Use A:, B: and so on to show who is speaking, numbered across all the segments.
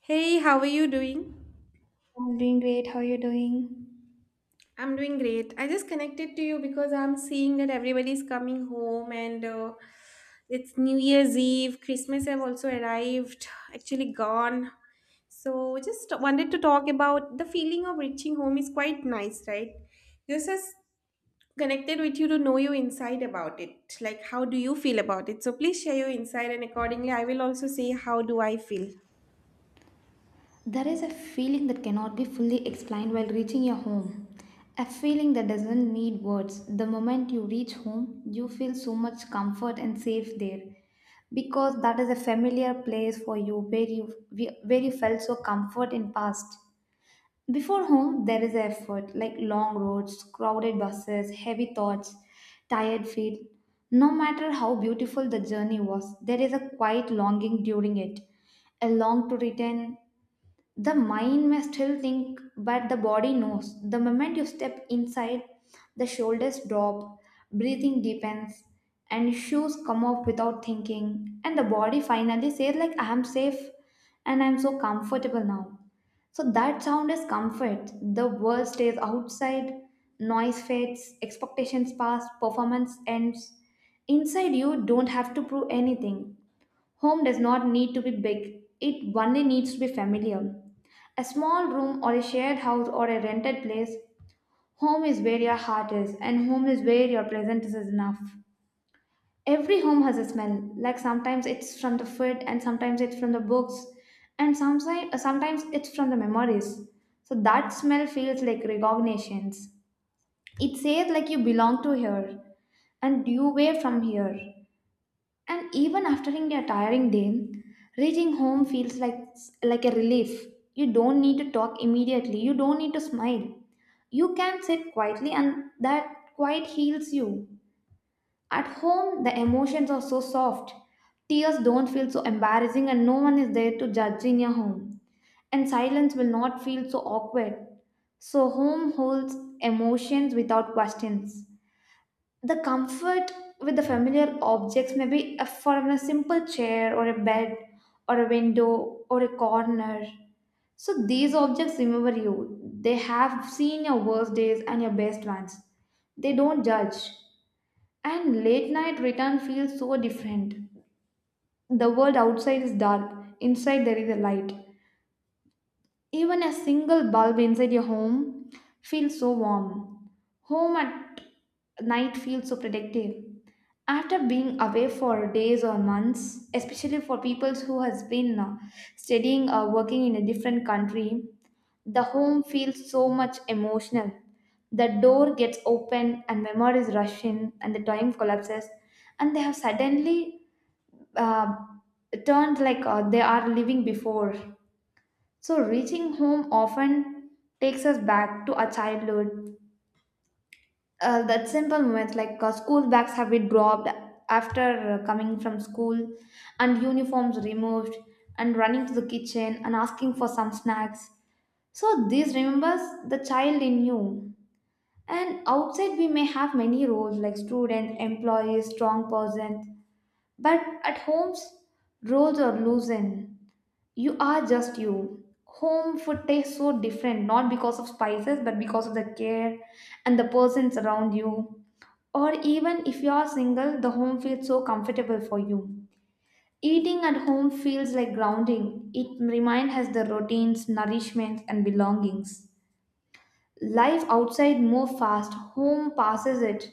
A: Hey, how are you doing?
B: I'm doing great. How are you doing?
A: I'm doing great. I just connected to you because I'm seeing that everybody's coming home and it's New Year's Eve. Christmas have also arrived, actually gone. So just wanted to talk about the feeling of reaching home is quite nice, right? Just as connected with you to know you inside about it. Like how do you feel about it? So please share your insight and accordingly I will also say how do I feel.
B: There is a feeling that cannot be fully explained while reaching your home. A feeling that doesn't need words. The moment you reach home, you feel so much comfort and safe there because that is a familiar place for you where you felt so comfort in past. Before home, there is effort like long roads, crowded buses, heavy thoughts, tired feet. No matter how beautiful the journey was, there is a quiet longing during it. A long to return, the mind may still think, but the body knows. The moment you step inside, the shoulders drop, breathing deepens, and shoes come off without thinking, and the body finally says, like, I am safe and I'm so comfortable now. So that sound is comfort. The world stays outside, noise fades, expectations pass, performance ends. Inside you don't have to prove anything. Home does not need to be big, it only needs to be familiar. A small room or a shared house or a rented place, home is where your heart is, and home is where your presence is enough. Every home has a smell, like sometimes it's from the food, and sometimes it's from the books, and sometimes it's from the memories. So that smell feels like recognitions. It says like you belong to here, and you were from here. And even after a tiring day, reaching home feels like a relief. You don't need to talk immediately. You don't need to smile. You can sit quietly and that quiet heals you. At home, the emotions are so soft. Tears don't feel so embarrassing and no one is there to judge in your home. And silence will not feel so awkward. So home holds emotions without questions. The comfort with the familiar objects may be a, from a simple chair or a bed or a window or a corner. So these objects remember you. They have seen your worst days and your best ones. They don't judge. And late night return feels so different. The world outside is dark, inside there is a light. Even a single bulb inside your home feels so warm. Home at night feels so protective. After being away for days or months, especially for people who has been studying or working in a different country, the home feels so much emotional. The door gets open and memories rush in and the time collapses and they have suddenly uh, turned like they are living before. So, reaching home often takes us back to our childhood. That simple moments like school bags have been dropped after coming from school, and uniforms removed, and running to the kitchen and asking for some snacks. So, this remembers the child in you. And outside, we may have many roles like student, employee, strong person, but at homes, roles are loosened. You are just you. Home food tastes so different, not because of spices, but because of the care and the persons around you. Or even if you are single, the home feels so comfortable for you. Eating at home feels like grounding. It reminds us the routines, nourishments, and belongings. Life outside moves fast. Home passes it,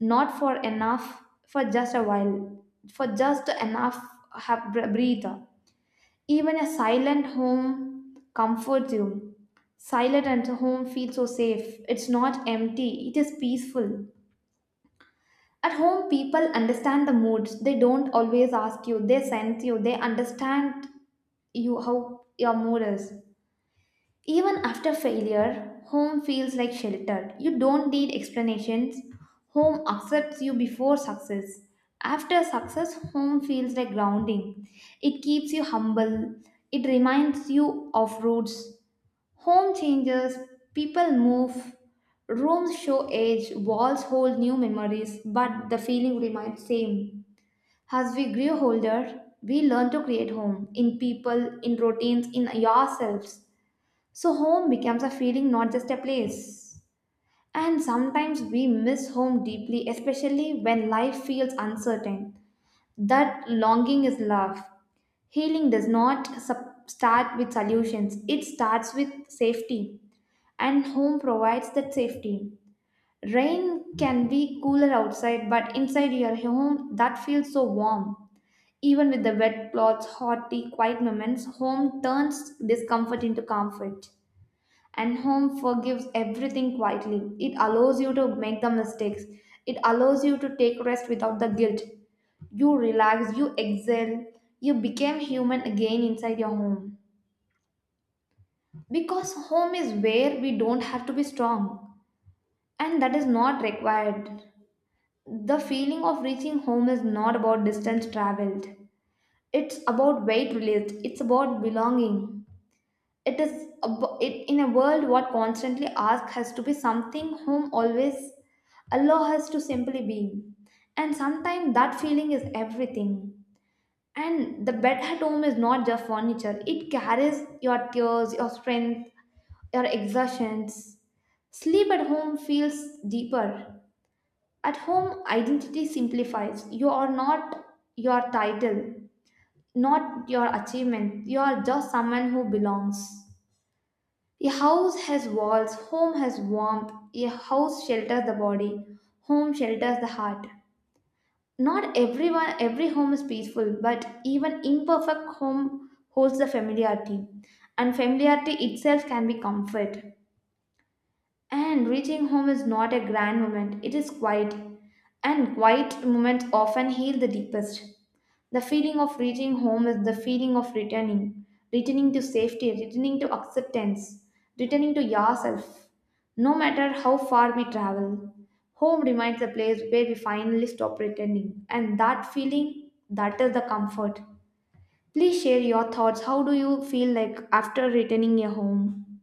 B: not for enough, for just a while, for just enough breather. Even a silent home comforts you. Silent at home feels so safe. It's not empty, it is peaceful. At home, people understand the moods. They don't always ask you, they sense you, they understand you how your mood is. Even after failure, home feels like shelter. You don't need explanations. Home accepts you before success. After success, home feels like grounding. It keeps you humble. It reminds you of roots. Home changes, people move, rooms show age, walls hold new memories, but the feeling remains same. As we grow older, we learn to create home in people, in routines, in yourselves. So, home becomes a feeling, not just a place. And sometimes we miss home deeply, especially when life feels uncertain. That longing is love. Healing does not start with solutions, it starts with safety. And home provides that safety. Rain can be cooler outside, but inside your home, that feels so warm. Even with the wet clothes, hot tea, quiet moments, home turns discomfort into comfort, and home forgives everything quietly. It allows you to make the mistakes, it allows you to take rest without the guilt. You relax, you exhale, you become human again inside your home, because home is where we don't have to be strong, and that is not required. The feeling of reaching home is not about distance traveled, it's about weight released, it's about belonging. It, in a world what constantly asks has to be something whom always allow us to simply be, and sometimes that feeling is everything. And the bed at home is not just furniture, it carries your tears, your strength, your exertions. Sleep at home feels deeper. At home identity simplifies, you are not your title, not your achievement, you are just someone who belongs. A house has walls, home has warmth, a house shelters the body, home shelters the heart. Not everyone, every home is peaceful, but even imperfect home holds the familiarity, and familiarity itself can be comfort. And reaching home is not a grand moment, it is quiet, and quiet moments often heal the deepest. The feeling of reaching home is the feeling of returning, returning to safety, returning to acceptance, returning to yourself. No matter how far we travel, home remains the place where we finally stop pretending. And that feeling, that is the comfort. Please share your thoughts. How do you feel like after returning your home?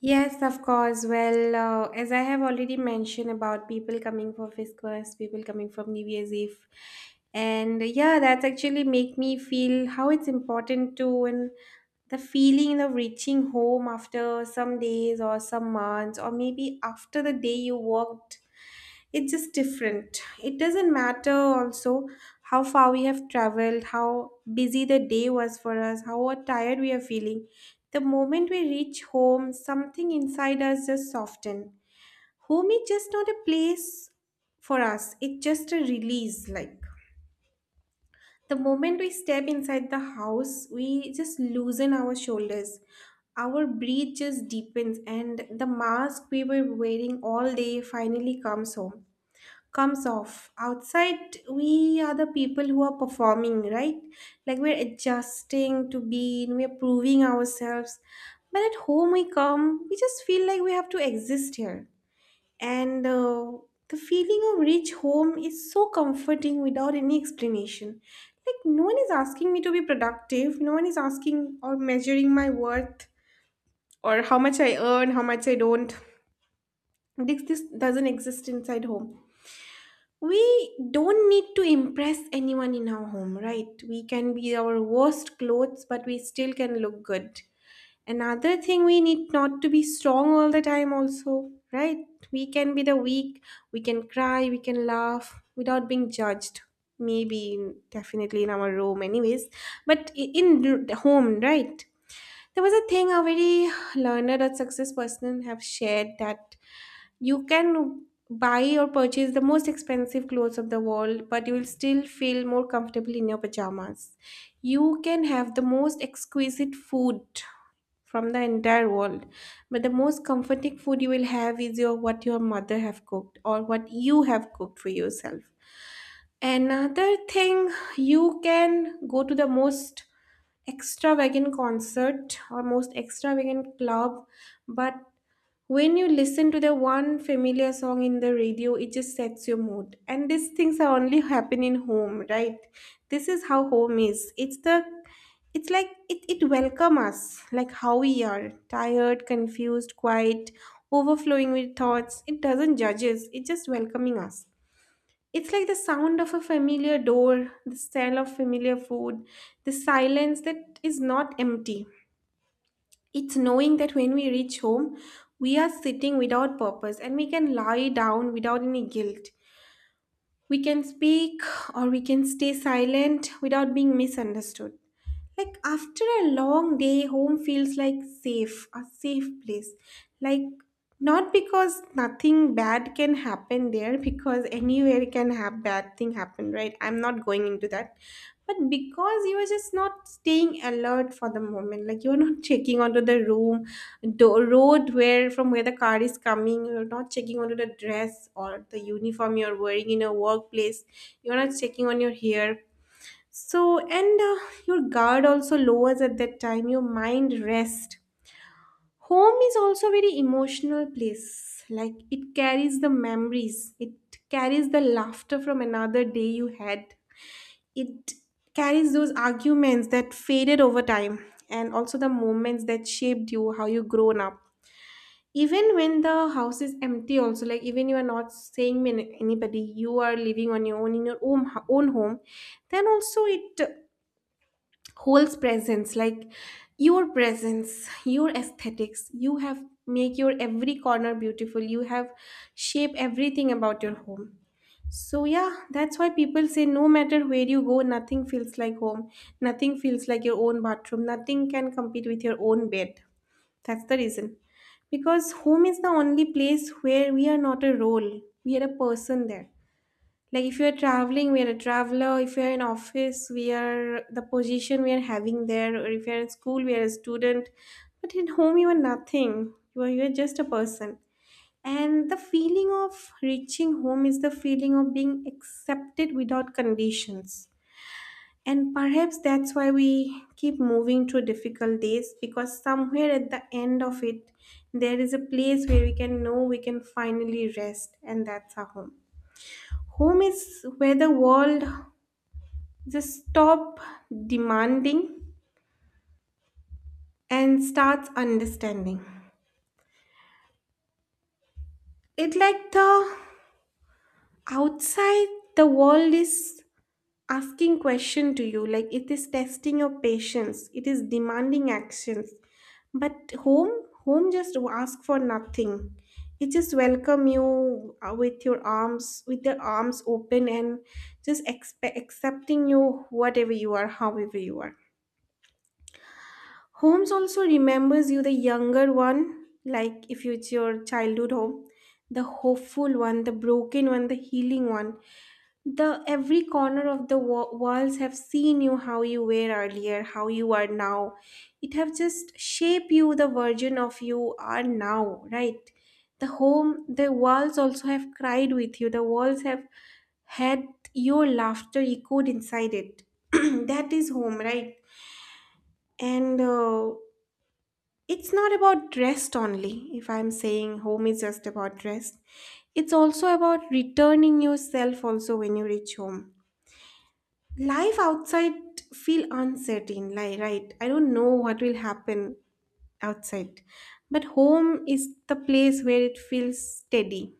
A: Yes, of course. Well, as I have already mentioned about people coming for Christmas, people coming from New Year's Eve, and yeah, that's actually make me feel how it's important to and the feeling of reaching home after some days or some months, or maybe after the day you worked, it's just different. It doesn't matter also how far we have traveled, how busy the day was for us, how tired we are feeling. The moment we reach home, something inside us just softens. Home is just not a place for us, it's just a release. Like the moment we step inside the house, we just loosen our shoulders, our breath just deepens, and the mask we were wearing all day finally comes home, comes off. Outside we are the people who are performing, right? Like we're adjusting to be in, we're proving ourselves, but at home we come, we just feel like we have to exist here. And the feeling of rich home is so comforting without any explanation. Like no one is asking me to be productive, no one is asking or measuring my worth or how much I earn, how much I don't. This doesn't exist inside home. We don't need to impress anyone in our home, right? We can be our worst clothes, but we still can look good. Another thing, we need not to be strong all the time, also, right? We can be the weak, we can cry, we can laugh without being judged. Maybe, definitely in our room, anyways, but the home, right? There was a thing a very learned or success person have shared that you can buy or purchase the most expensive clothes of the world, but you will still feel more comfortable in your pajamas. You can have the most exquisite food from the entire world, but the most comforting food you will have is your what your mother have cooked or what you have cooked for yourself. Another thing, you can go to the most extravagant concert or most extravagant club, but when you listen to the one familiar song in the radio, it just sets your mood. And these things are only happen in home, right? This is how home is. It's like it welcome us, like how we are. Tired, confused, quiet, overflowing with thoughts. It doesn't judge us, it's just welcoming us. It's like the sound of a familiar door, the smell of familiar food, the silence that is not empty. It's knowing that when we reach home, we are sitting without purpose and we can lie down without any guilt. We can speak or we can stay silent without being misunderstood. Like after a long day, home feels like safe, a safe place. Like not because nothing bad can happen there, because anywhere can have bad thing happen, right? I'm not going into that. But because you are just not staying alert for the moment, like you're not checking onto the room, road where from where the car is coming, you're not checking onto the dress or the uniform you're wearing in a workplace, you're not checking on your hair. So, and your guard also lowers at that time, your mind rests. Home is also very emotional place. Like it carries the memories, it carries the laughter from another day you had. It carries those arguments that faded over time and also the moments that shaped you, how you grown up. Even when the house is empty, also like even you are not staying with anybody, you are living on your own in your own home. Then also it holds presence, like your presence, your aesthetics. You have make your every corner beautiful, you have shape everything about your home. So yeah, that's why people say no matter where you go, nothing feels like home. Nothing feels like your own bathroom, nothing can compete with your own bed. That's the reason, because home is the only place where we are not a role, we are a person there. Like if you're traveling, we are a traveler. If you're in office, we are the position we are having there. Or if you're in school, we are a student. But at home, you are nothing. You are just a person. And the feeling of reaching home is the feeling of being accepted without conditions. And perhaps that's why we keep moving through difficult days, because somewhere at the end of it, there is a place where we can know we can finally rest, and that's our home. Home is where the world just stop demanding and starts understanding. It like the outside, the world is asking question to you, like it is testing your patience, it is demanding actions. But home, home just ask for nothing. It just welcome you with your arms, with their arms open, and just accepting you whatever you are, however you are. Homes also remembers you, the younger one, like if it's your childhood home, the hopeful one, the broken one, the healing one. The every corner of the walls have seen you how you were earlier, how you are now. It have just shaped you the version of you are now, right? The home, the walls also have cried with you. The walls have had your laughter echoed inside it. That is home, right? And it's not about rest only. If I'm saying home is just about rest, it's also about returning yourself also when you reach home. Life outside feel uncertain, like, right? I don't know what will happen outside. But home is the place where it feels steady.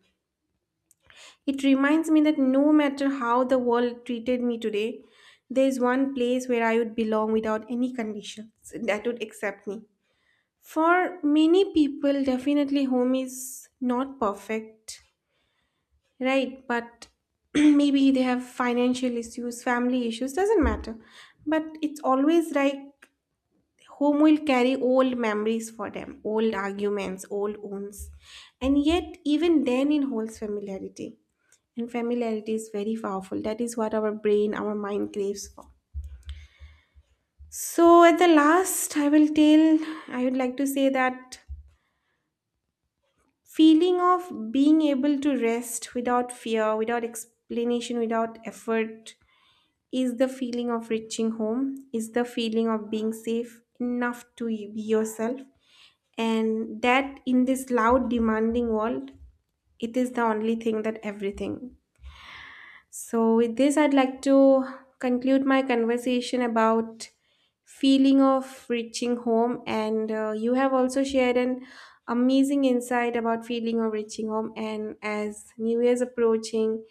A: It reminds me that no matter how the world treated me today, there is one place where I would belong without any conditions that would accept me. For many people, definitely home is not perfect, right? But maybe they have financial issues, family issues, doesn't matter. But it's always like home will carry old memories for them, old arguments, old wounds. And yet, even then, it holds familiarity. And familiarity is very powerful. That is what our brain, our mind craves for. So, at the last, I will tell, I would like to say that feeling of being able to rest without fear, without explanation, without effort is the feeling of reaching home, is the feeling of being safe enough to be yourself. And that in this loud, demanding world, it is the only thing that everything. So, with this, I'd like to conclude my conversation about feeling of reaching home. And you have also shared an amazing insight about feeling of reaching home. And as New Year's approaching,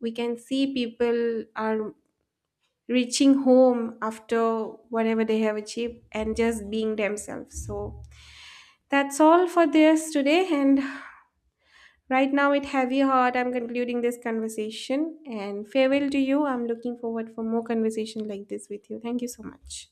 A: we can see people are reaching home after whatever they have achieved and just being themselves. So, that's all for this today. And right now, with heavy heart, I'm concluding this conversation and farewell to you. I'm looking forward for more conversation like this with you. Thank you so much.